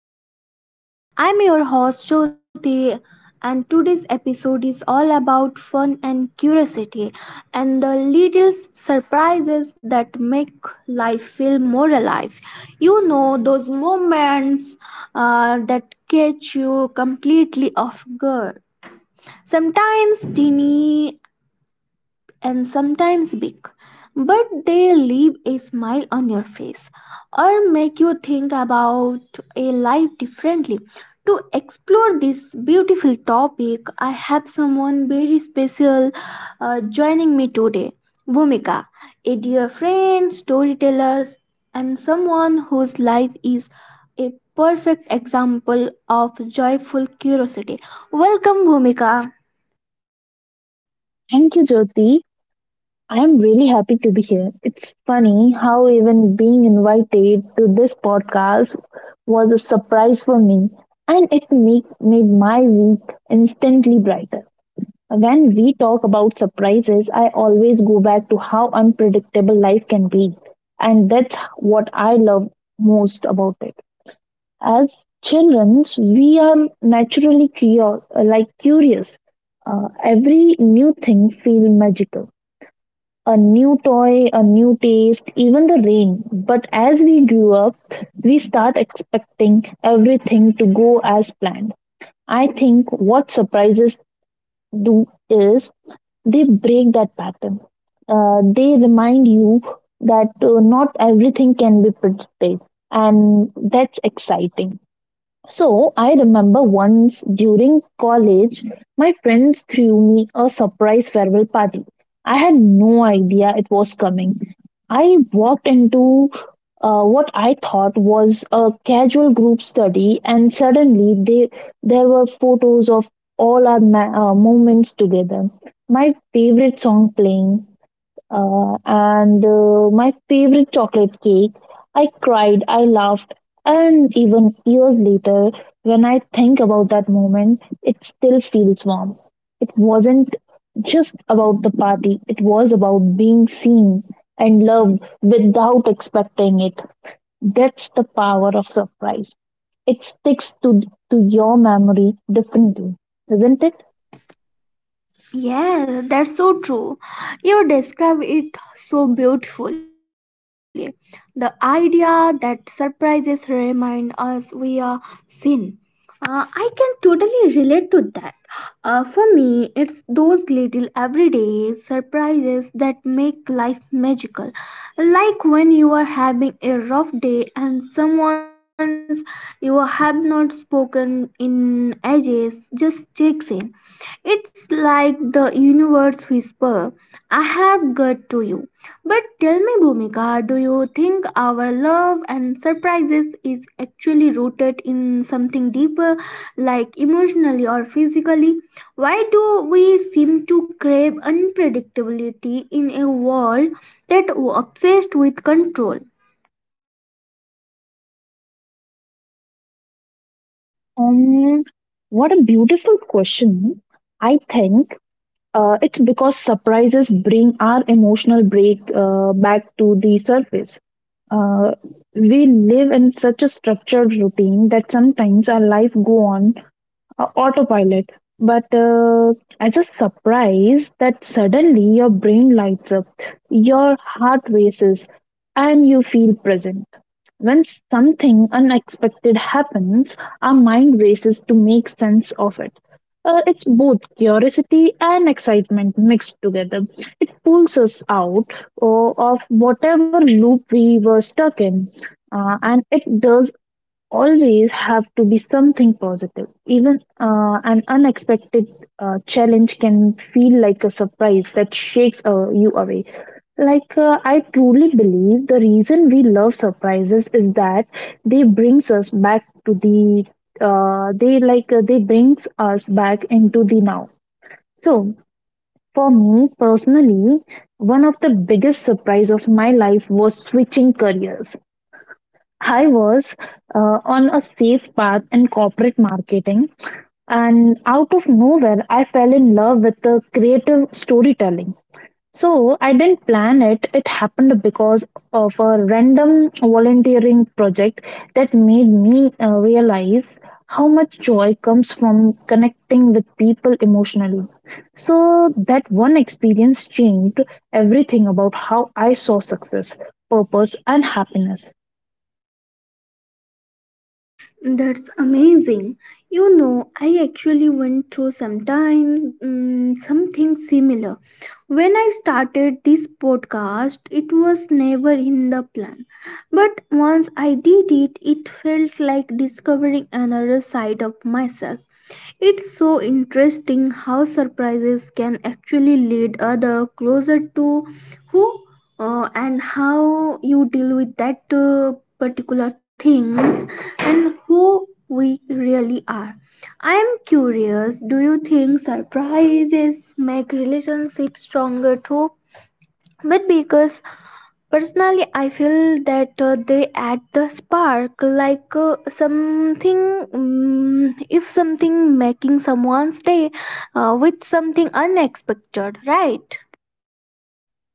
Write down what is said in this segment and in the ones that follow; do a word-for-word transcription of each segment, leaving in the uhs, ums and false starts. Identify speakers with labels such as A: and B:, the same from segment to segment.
A: of Life. I'm your host Jyoti, and today's episode is all about fun and curiosity and the little surprises that make life feel more alive. You know those moments uh, that catch you completely off guard. Sometimes teeny and sometimes big, but they leave a smile on your face or make you think about a life differently. To explore this beautiful topic, I have someone very special uh, joining me today. Bhumika, a dear friend, storyteller, and someone whose life is a perfect example of joyful curiosity. Welcome, Bhumika.
B: Thank you, Jyoti. I am really happy to be here. It's funny how even being invited to this podcast was a surprise for me, and it make, made my week instantly brighter. When we talk about surprises, I always go back to how unpredictable life can be, and that's what I love most about it. As children, we are naturally curious, like curious. Uh, every new thing feels magical a new toy, a new taste, even the rain. But as we grew up, we start expecting everything to go as planned. I think what surprises do is they break that pattern. Uh, they remind you that uh, not everything can be predicted, and that's exciting. So I remember once during college, my friends threw me a surprise farewell party. I had no idea it was coming. I walked into uh, what I thought was a casual group study, and suddenly they, there were photos of all our ma- uh, moments together. My favorite song playing, uh, and uh, my favorite chocolate cake. I cried, I laughed, and even years later, when I think about that moment, it still feels warm. It wasn't just about the party, it was about being seen and loved without expecting it. That's the power of surprise. It sticks to, to your memory differently, isn't it?
A: Yes, that's so true. You describe it so beautifully. The idea that surprises remind us we are sin. Uh, I can totally relate to that. Uh, for me, it's those little everyday surprises that make life magical. Like when you are having a rough day and someone's you have not spoken in ages just checks in, it's like the universe whisper, I have got to you. But tell me, Bhumika, do you think our love and surprises is actually rooted in something deeper, like emotionally or physically? Why do we seem to crave unpredictability in a world that obsessed with control?
B: Um, what a beautiful question. I think Uh, it's because surprises bring our emotional break uh, back to the surface. Uh, we live in such a structured routine that sometimes our life go on uh, autopilot. But uh, as a surprise, that suddenly your brain lights up, your heart races, and you feel present. When something unexpected happens, our mind races to make sense of it. Uh, it's both curiosity and excitement mixed together. It pulls us out o- of whatever loop we were stuck in, Uh, and it does always have to be something positive. Even uh, an unexpected uh, challenge can feel like a surprise that shakes uh, you away. Like, uh, I truly believe the reason we love surprises is that they brings us back to the uh, they like uh, they brings us back into the now. So for me personally, one of the biggest surprise of my life was switching careers. I was uh, on a safe path in corporate marketing, and out of nowhere, I fell in love with the creative storytelling. So I didn't plan it. It happened because of a random volunteering project that made me uh, realize how much joy comes from connecting with people emotionally. So that one experience changed everything about how I saw success, purpose, and happiness.
A: That's amazing. You know, I actually went through sometime mm, something similar. When I started this podcast, it was never in the plan. But once I did it, it felt like discovering another side of myself. It's so interesting how surprises can actually lead other closer to who uh, and how you deal with that uh, particular things and who we really are. I am curious, do you think surprises make relationships stronger too? But because personally, I feel that uh, they add the spark, like, uh, something. Mm if something making someone's day uh, with something unexpected, right?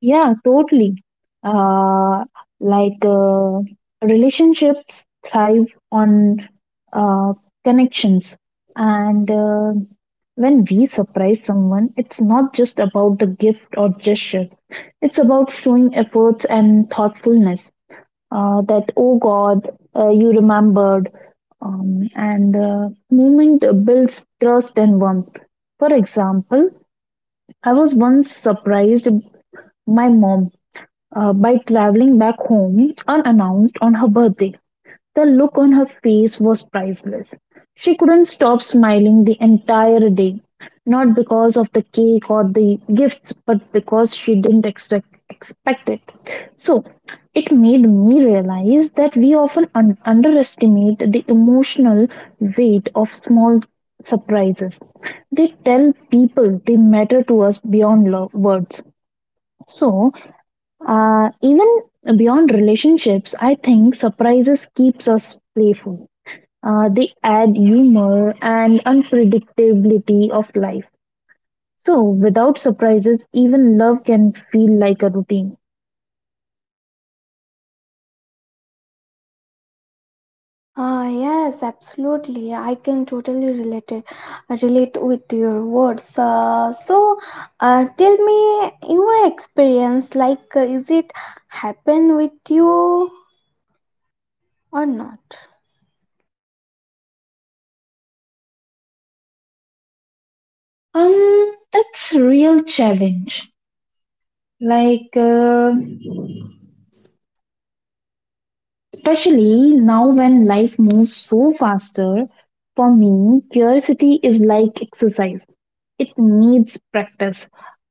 B: Yeah, totally. Uh, like uh, relationships thrive on uh, connections, and uh, when we surprise someone, it's not just about the gift or gesture. It's about showing efforts and thoughtfulness. Uh, that oh God, uh, you remembered, um, and uh, movement builds trust and warmth. For example, I was once surprised my mom uh, by traveling back home unannounced on her birthday. The look on her face was priceless. She couldn't stop smiling the entire day, not because of the cake or the gifts, but because she didn't expect expect it. So, it made me realize that we often un- underestimate the emotional weight of small surprises. They tell people they matter to us beyond lo- words. So, uh, even beyond relationships, I think surprises keeps us playful. Uh, they add humor and unpredictability of life. So without surprises, even love can feel like a routine.
A: Ah, yes, absolutely. I can totally relate it, relate with your words. Uh, so, uh, tell me your experience. Like, uh, is it happen with you or not?
B: Um, that's real challenge. Like, uh, especially now when life moves so faster, for me, curiosity is like exercise. It needs practice.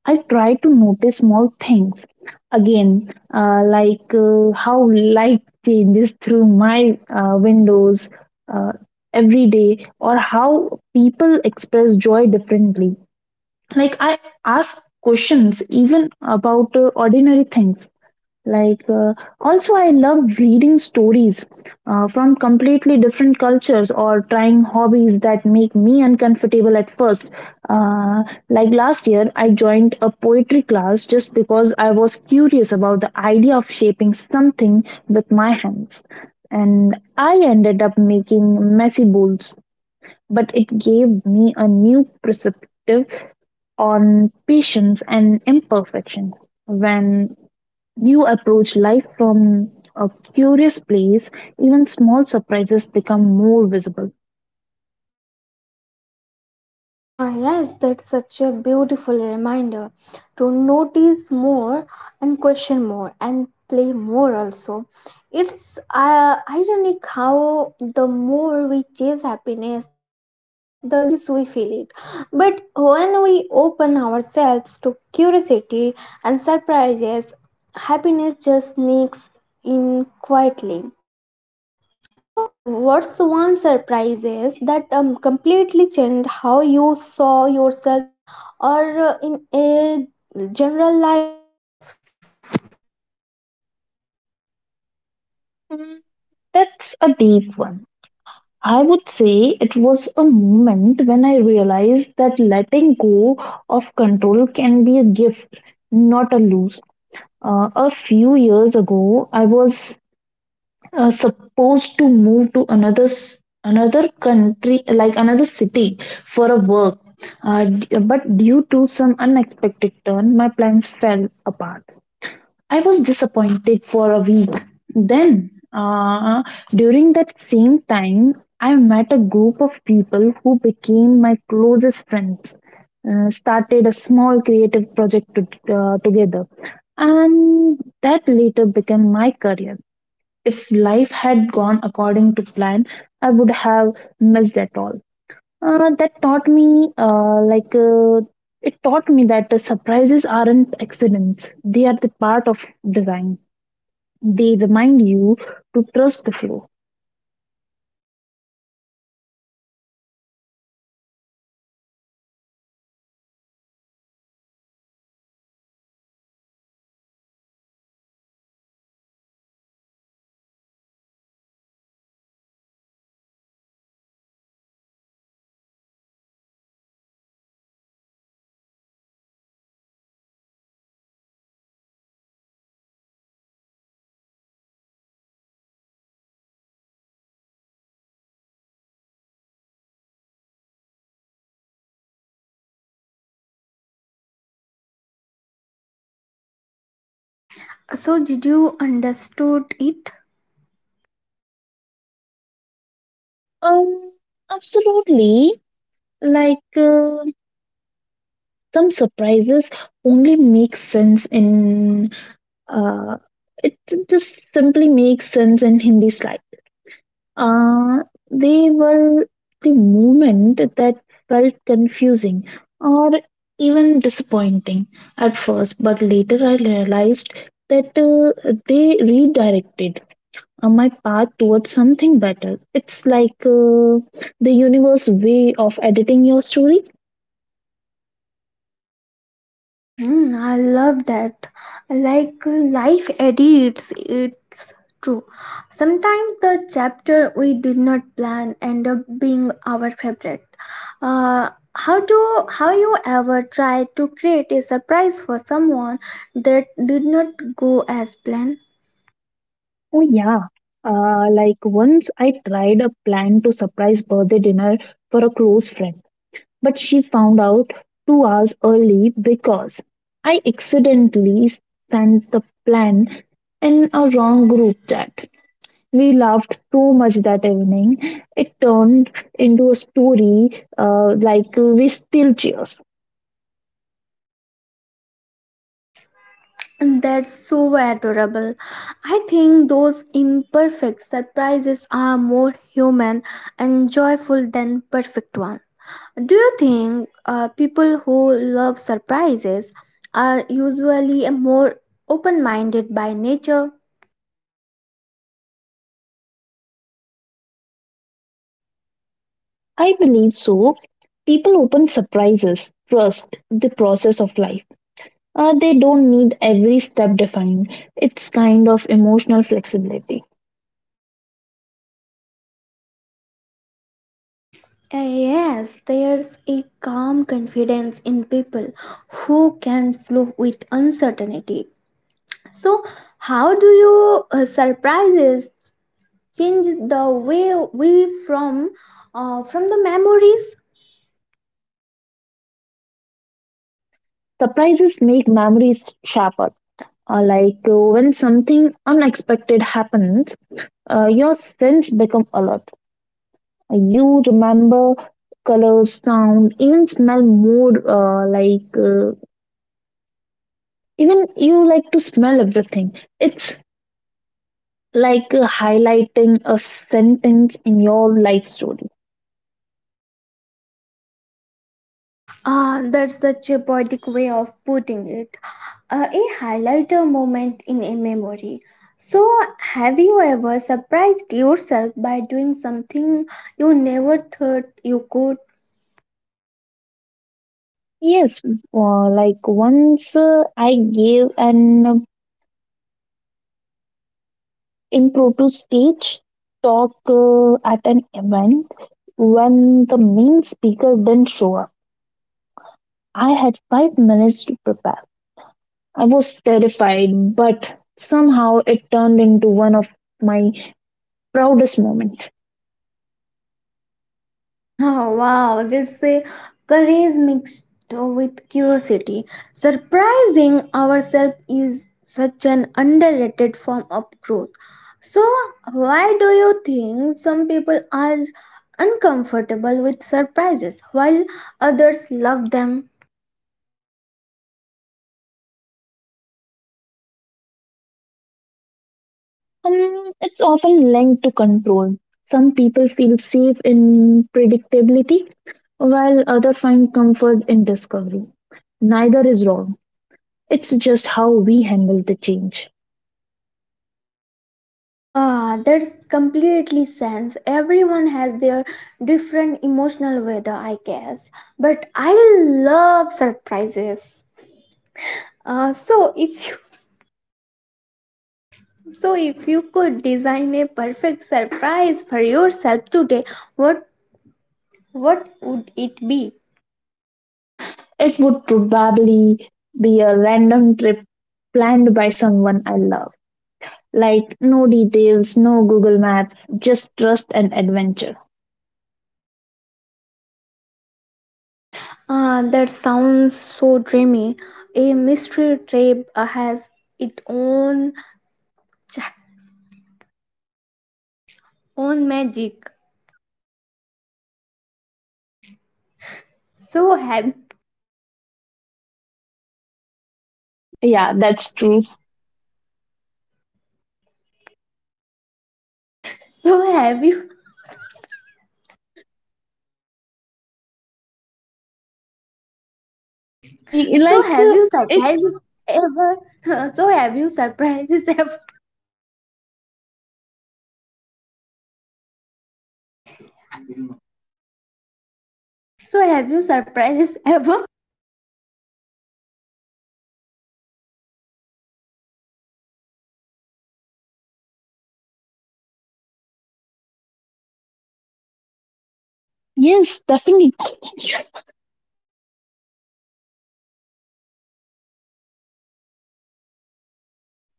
B: I try to notice small things again, uh, like uh, how light changes through my uh, windows uh, every day, or how people express joy differently. Like I ask questions even about uh, ordinary things like uh, also I loved reading stories uh, from completely different cultures or trying hobbies that make me uncomfortable at first uh, like last year I joined a poetry class just because I was curious about the idea of shaping something with my hands and I ended up making messy bowls but it gave me a new perspective on patience and imperfection when you approach life from a curious place, even small surprises become more visible.
A: Ah, yes, that's such a beautiful reminder to notice more and question more and play more also. It's uh, ironic how the more we chase happiness, the less we feel it. But when we open ourselves to curiosity and surprises, happiness just sneaks in quietly. So, what's one surprise is that um, completely changed how you saw yourself or uh, in a general life?
B: Hmm, That's a deep one. I would say it was a moment when I realized that letting go of control can be a gift, not a lose. Uh, a few years ago, I was uh, supposed to move to another s- another country like another city for a work uh, d- but due to some unexpected turn my plans fell apart. I was disappointed for a week. Then uh, during that same time I met a group of people who became my closest friends, uh, started a small creative project to, uh, together and that later became my career. If life had gone according to plan, I would have missed it all. Uh, that taught me, uh, like, uh, it taught me that uh, surprises aren't accidents, they are the part of design. They remind you to trust the flow.
A: Um, Bhumika, that was such a beautiful thought. How surprises reconnect us to the mm, to now, and let's explore this a little more. So, when you look at back uh, at your life, do you think sometimes surprises had purpose uh, that you only understood much later, so did you understood it?
B: Um, Absolutely. Like, uh, some surprises only make sense in uh, it just simply makes sense in Hindi style. Uh, they were the moment that felt confusing or even disappointing at first, but later I realized that uh, they redirected uh, my path towards something better. It's like uh, the universe way of editing your story.
A: Hmm, I love that. Like, life edits it's true. Sometimes the chapter we did not plan end up being our favorite. uh, how do how you ever try to create a surprise for someone that did not go as planned?
B: Oh, yeah. Uh, like once I tried a plan to surprise birthday dinner for a close friend. But she found out two hours early because I accidentally sent the plan in a wrong group chat. We laughed so much that evening. It turned into a story uh, like uh, we still cheers.
A: That's so adorable. I think those imperfect surprises are more human and joyful than perfect ones. Do you think uh, people who love surprises are usually more open minded by nature?
B: I believe so. People open surprises, trust the process of life. Uh, they don't need every step defined. It's kind of emotional flexibility.
A: Uh, Yes, there's a calm confidence in people who can flow with uncertainty. So, how do you uh, surprises change the way we from uh, from the memories?
B: Surprises make memories sharper. Uh, like uh, when something unexpected happens, uh, your sense become alert. You remember colors, sound, even smell, mood. Uh, like uh, even you like to smell everything. It's like uh, highlighting a sentence in your life story.
A: Uh, that's such a poetic way of putting it, uh, a highlighter moment in a memory. So have you ever surprised yourself by doing something you never thought you could?
B: Yes, uh, like once uh, I gave an impromptu stage talk uh, at an event when the main speaker didn't show up. I had five minutes to prepare. I was terrified, but somehow it turned into one of my proudest moments.
A: Oh, wow, that's a courage mixed with curiosity. Surprising ourselves is such an underrated form of growth. So, why do you think some people are uncomfortable with surprises while others love them?
B: Um, it's often linked to control. Some people feel safe in predictability, while others find comfort in discovery. Neither is wrong. It's just how we handle the change.
A: Ah, that's completely sense. Everyone has their different emotional weather, I guess. But I love surprises. Uh, so if you So, if you could design a perfect surprise for yourself today, what what would it be?
B: It would probably be a random trip planned by someone I love. Like, no details, no Google Maps, just trust and adventure.
A: Ah, that sounds so dreamy. A mystery trip uh, has its own own magic. So have
B: Yeah, that's true.
A: so have you
B: E-
A: so
B: Like,
A: have
B: uh,
A: you
B: it,
A: surprises ever? So have you surprises ever? So have you surprises ever?
B: yes, definitely.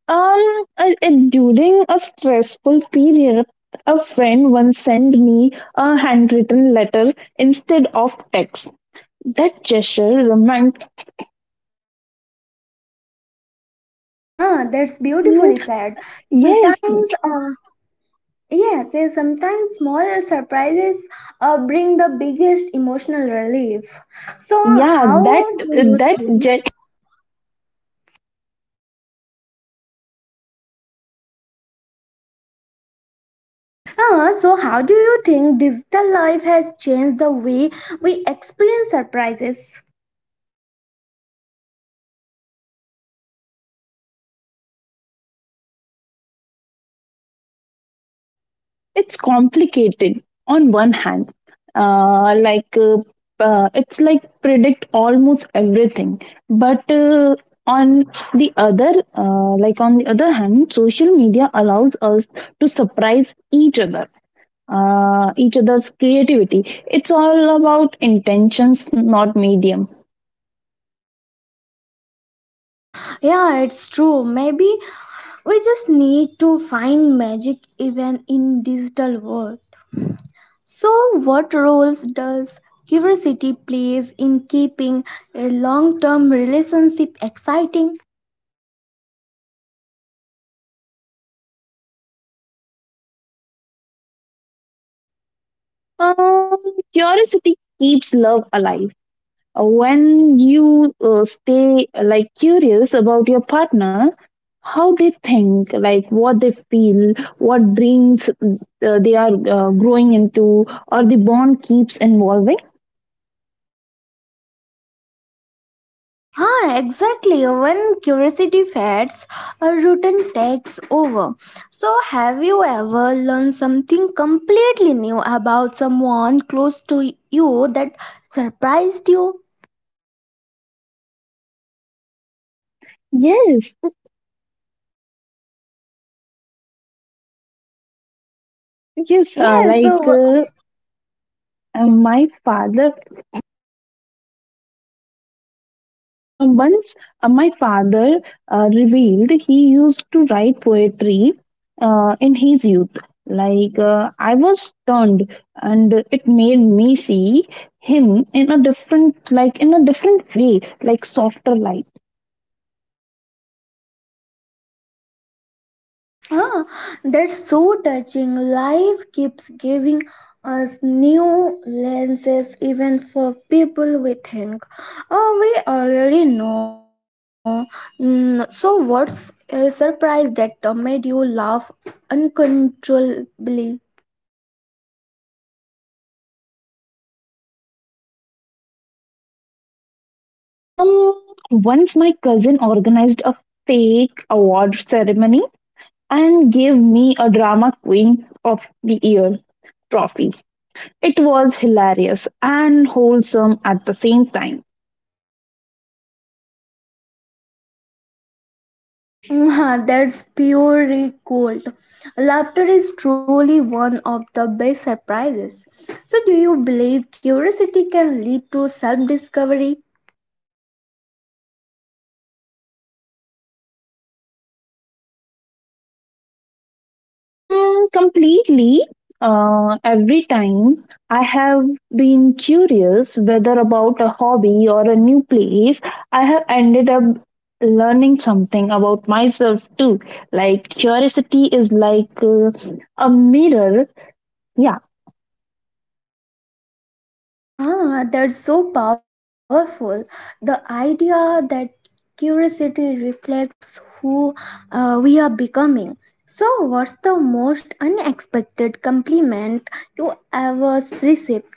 B: Um, I, I- During a stressful period, a friend once sent me a handwritten letter instead of text. That gesture reminds.
A: Ah, that's
B: Mm,
A: beautifully said.
B: yes,
A: Sometimes, uh, Yes, yes, sometimes small surprises uh, bring the biggest emotional relief. So,
B: yeah,
A: how
B: that
A: do you
B: that
A: think? Uh, so, how do you think digital life has changed the way we experience surprises?
B: It's complicated on one hand. Uh, like uh, uh, it's like predict almost everything, but uh, on the other, uh, like on the other hand, social media allows us to surprise each other, uh, each other's creativity. It's all about intentions, not medium.
A: Yeah, it's true. Maybe we just need to find magic even in digital world. So, what roles does curiosity plays in keeping a long-term relationship exciting?
B: Um, Curiosity keeps love alive. When you uh, stay uh, like curious about your partner, how they think, like what they feel, what dreams uh, they are uh, growing into, or the bond keeps evolving.
A: Ah, exactly. When curiosity fades, a routine takes over. So, have you ever learned something completely new about someone close to you that surprised you?
B: Yes yes uh,
A: Yeah,
B: like
A: so
B: uh, uh, my father Uh, once uh, my father uh, revealed he used to write poetry uh, in his youth. Like, uh, I was stunned, and it made me see him in a different, like, in a different way, like softer light.
A: ah, that's so touching. Life keeps giving us new lenses, even for people we think oh, we already know. Mm, so, what's a surprise that uh, made you laugh uncontrollably?
B: Um, Once my cousin organized a fake award ceremony and gave me a drama queen of the year trophy. It was hilarious and wholesome at the same time.
A: Mhm, that's pure gold. Laughter is truly one of the best surprises. So, do you believe curiosity can lead to self discovery?
B: Mm, completely. Uh, every time I have been curious whether about a hobby or a new place, I have ended up learning something about myself too. Like curiosity is like uh, a mirror. Yeah.
A: Ah, that's so powerful. The idea that curiosity reflects who uh, we are becoming. So, what's the most unexpected compliment you ever received?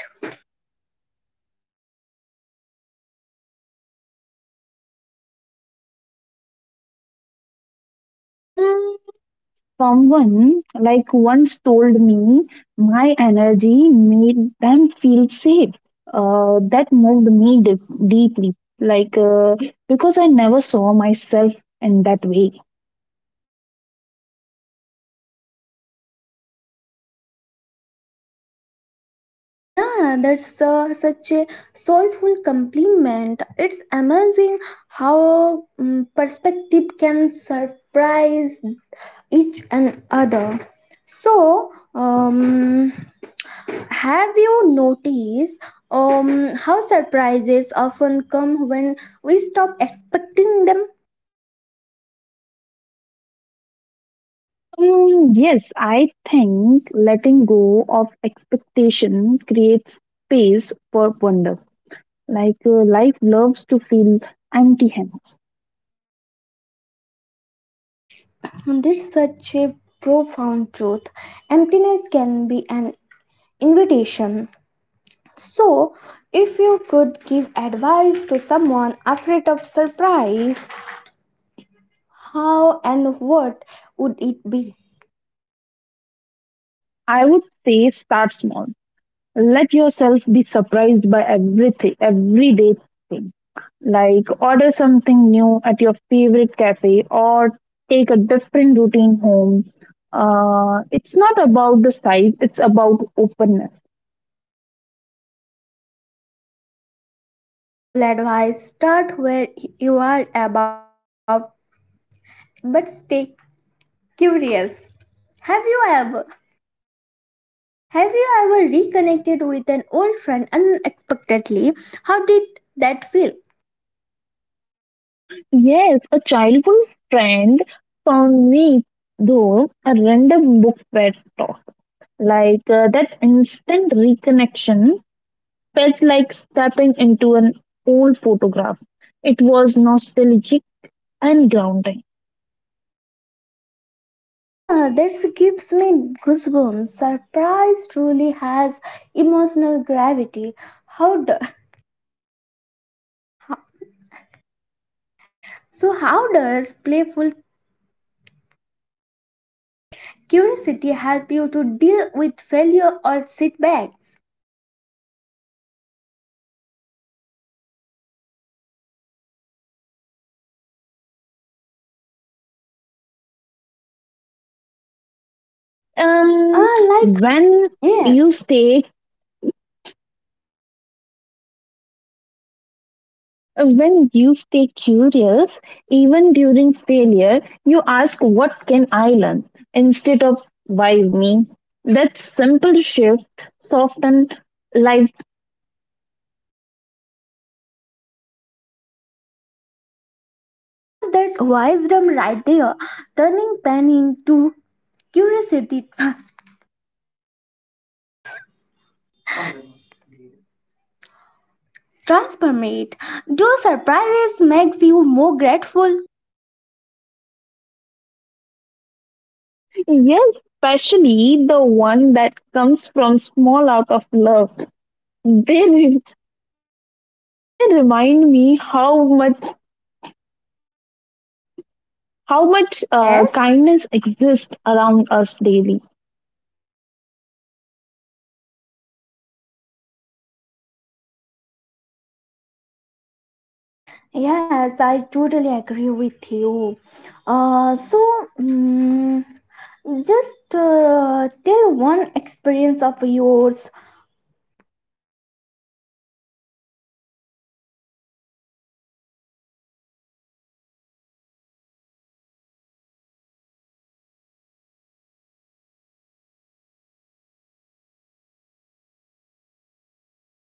B: Mm, Someone like once told me my energy made them feel safe. Uh, that moved me deep deeply, like uh, because I never saw myself in that way.
A: Yeah, that's uh, such a soulful compliment. It's amazing how mm, perspective can surprise each and other. So, um, have you noticed um, how surprises often come when we stop expecting them?
B: Mm, yes, I think letting go of expectation creates space for wonder. Like uh, life loves to feel empty hands.
A: And there's such a profound truth. Emptiness can be an invitation. So, if you could give advice to someone afraid of surprise, how and what would it be?
B: I would say start small. Let yourself be surprised by everything, everyday thing. Like order something new at your favorite cafe or take a different routine home. Uh, it's not about the size, it's about openness.
A: Beautiful advice. Start where you are above, but stay curious. Have you ever Have you ever reconnected with an old friend unexpectedly? How did that feel?
B: Yes, a childhood friend found me though a random book fair talk. Like uh, that instant reconnection felt like stepping into an old photograph. It was nostalgic and grounding.
A: Ah, that gives me goosebumps. Surprise truly has emotional gravity. How does so? How does playful curiosity help you to deal with failure or setbacks?
B: Um,
A: Ah, like
B: when you
A: yes,
B: stay Uh, When you stay curious, even during failure, you ask, "What can I learn?" instead of "why me." That simple shift softens lives.
A: ah, yes, that wisdom right there, turning pain into curiosity. Transformate. Do surprises makes you more grateful?
B: Yes, especially the one that comes from small out of love. They, re- they remind me how much how much uh,
A: Yes.
B: kindness exists around us daily.
A: Yes, I totally agree with you. Uh, so, mm, just uh, tell one experience of yours.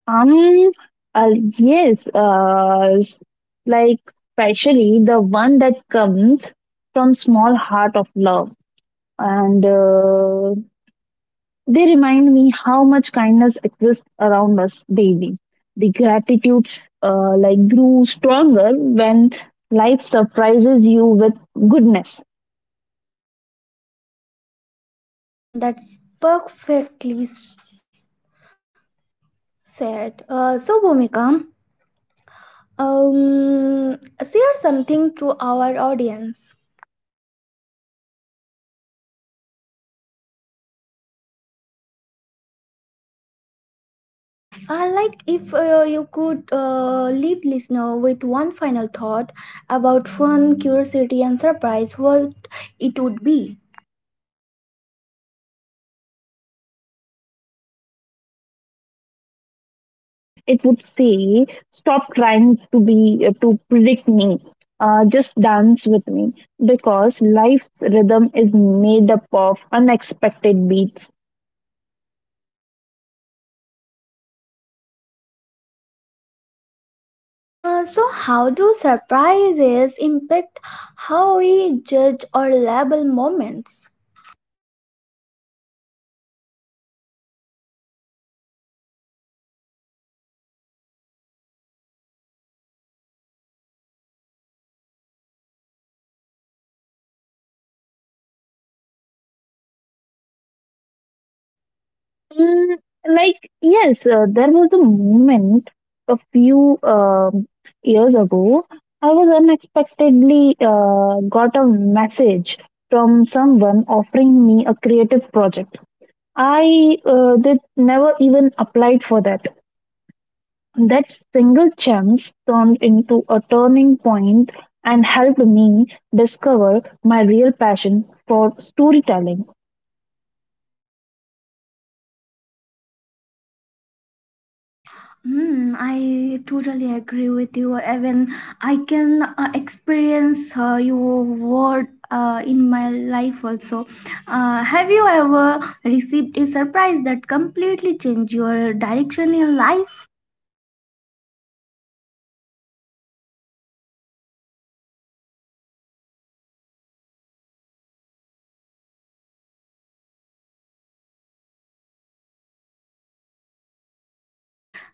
B: Um, uh, yes, uh, s- like Especially the one that comes from small heart of love, and uh, they remind me how much kindness exists around us daily. The gratitude, uh, like, grew stronger when life surprises you with goodness.
A: Hmm, that's perfectly s- said. Uh, so, Bhumika, um, share something to our audience. Uh, like if uh, you could uh, leave listener with one final thought about fun, curiosity, and surprise, what it would be.
B: Um, I think it would. I would like. Uh, I think it would say, "Stop trying to be uh, to predict me. Uh, just dance with me." Because life's rhythm is made up of unexpected beats.
A: Uh, so how do surprises impact how we judge or label moments?
B: Mm, like yes, uh, there was a moment a few um years ago. I was unexpectedly uh, got a message from someone offering me a creative project I uh, did never even applied for that. That single chance turned into a turning point and helped me discover my real passion for storytelling.
A: Hmm, I totally agree with you. Even I can uh, experience uh, your word uh, in my life also. Uh, have you ever received a surprise that completely changed your direction in life?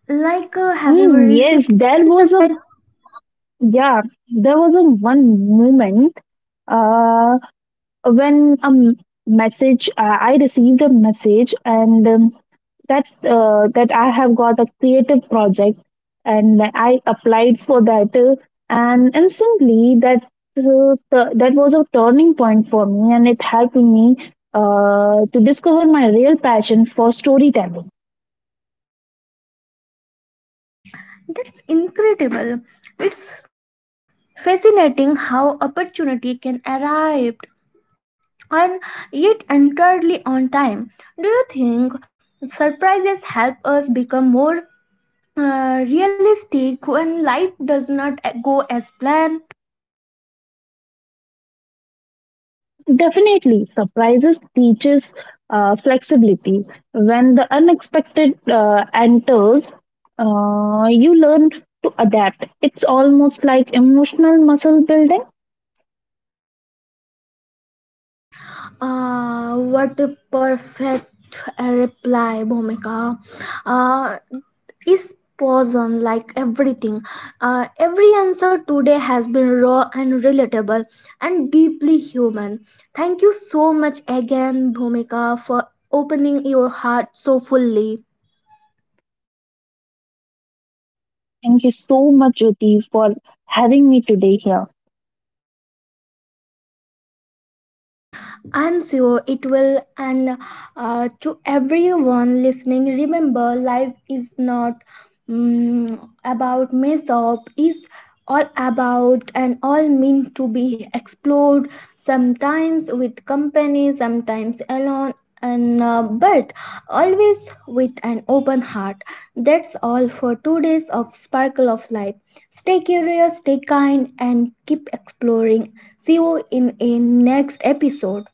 A: Like, uh, have you ever
B: Mm, yes,
A: received
B: there
A: a
B: was a
A: surprise?
B: yeah, there was a one moment uh, when a m- message uh, I received a message and um, that's uh, that I have got a creative project and I applied for that uh, and instantly that uh, th- that was a turning point for me and it helped me uh, to discover my real passion for storytelling.
A: That's incredible. It's fascinating how opportunity can arrive and yet entirely on time. Do you think surprises help us become more uh, realistic when life does not go as planned?
B: Definitely, surprises teaches uh, flexibility. When the unexpected uh, enters, uh, you learn to adapt. It's almost like emotional muscle building.
A: Uh, what a perfect uh, reply, Bhumika. Uh, is poison like everything. Uh, every answer today has been raw and relatable and deeply human. Thank you so much again, Bhumika, for opening your heart so fully.
B: Thank you so much, Jyoti, for having me today here.
A: I'm sure it will. And uh, to everyone listening, remember life is not mm about mess up, is all about and all meant to be explored, sometimes with company, sometimes alone. And uh, but always with an open heart. That's all for two days of Sparkle of Life. Stay curious, stay kind, and keep exploring. See you in a next episode.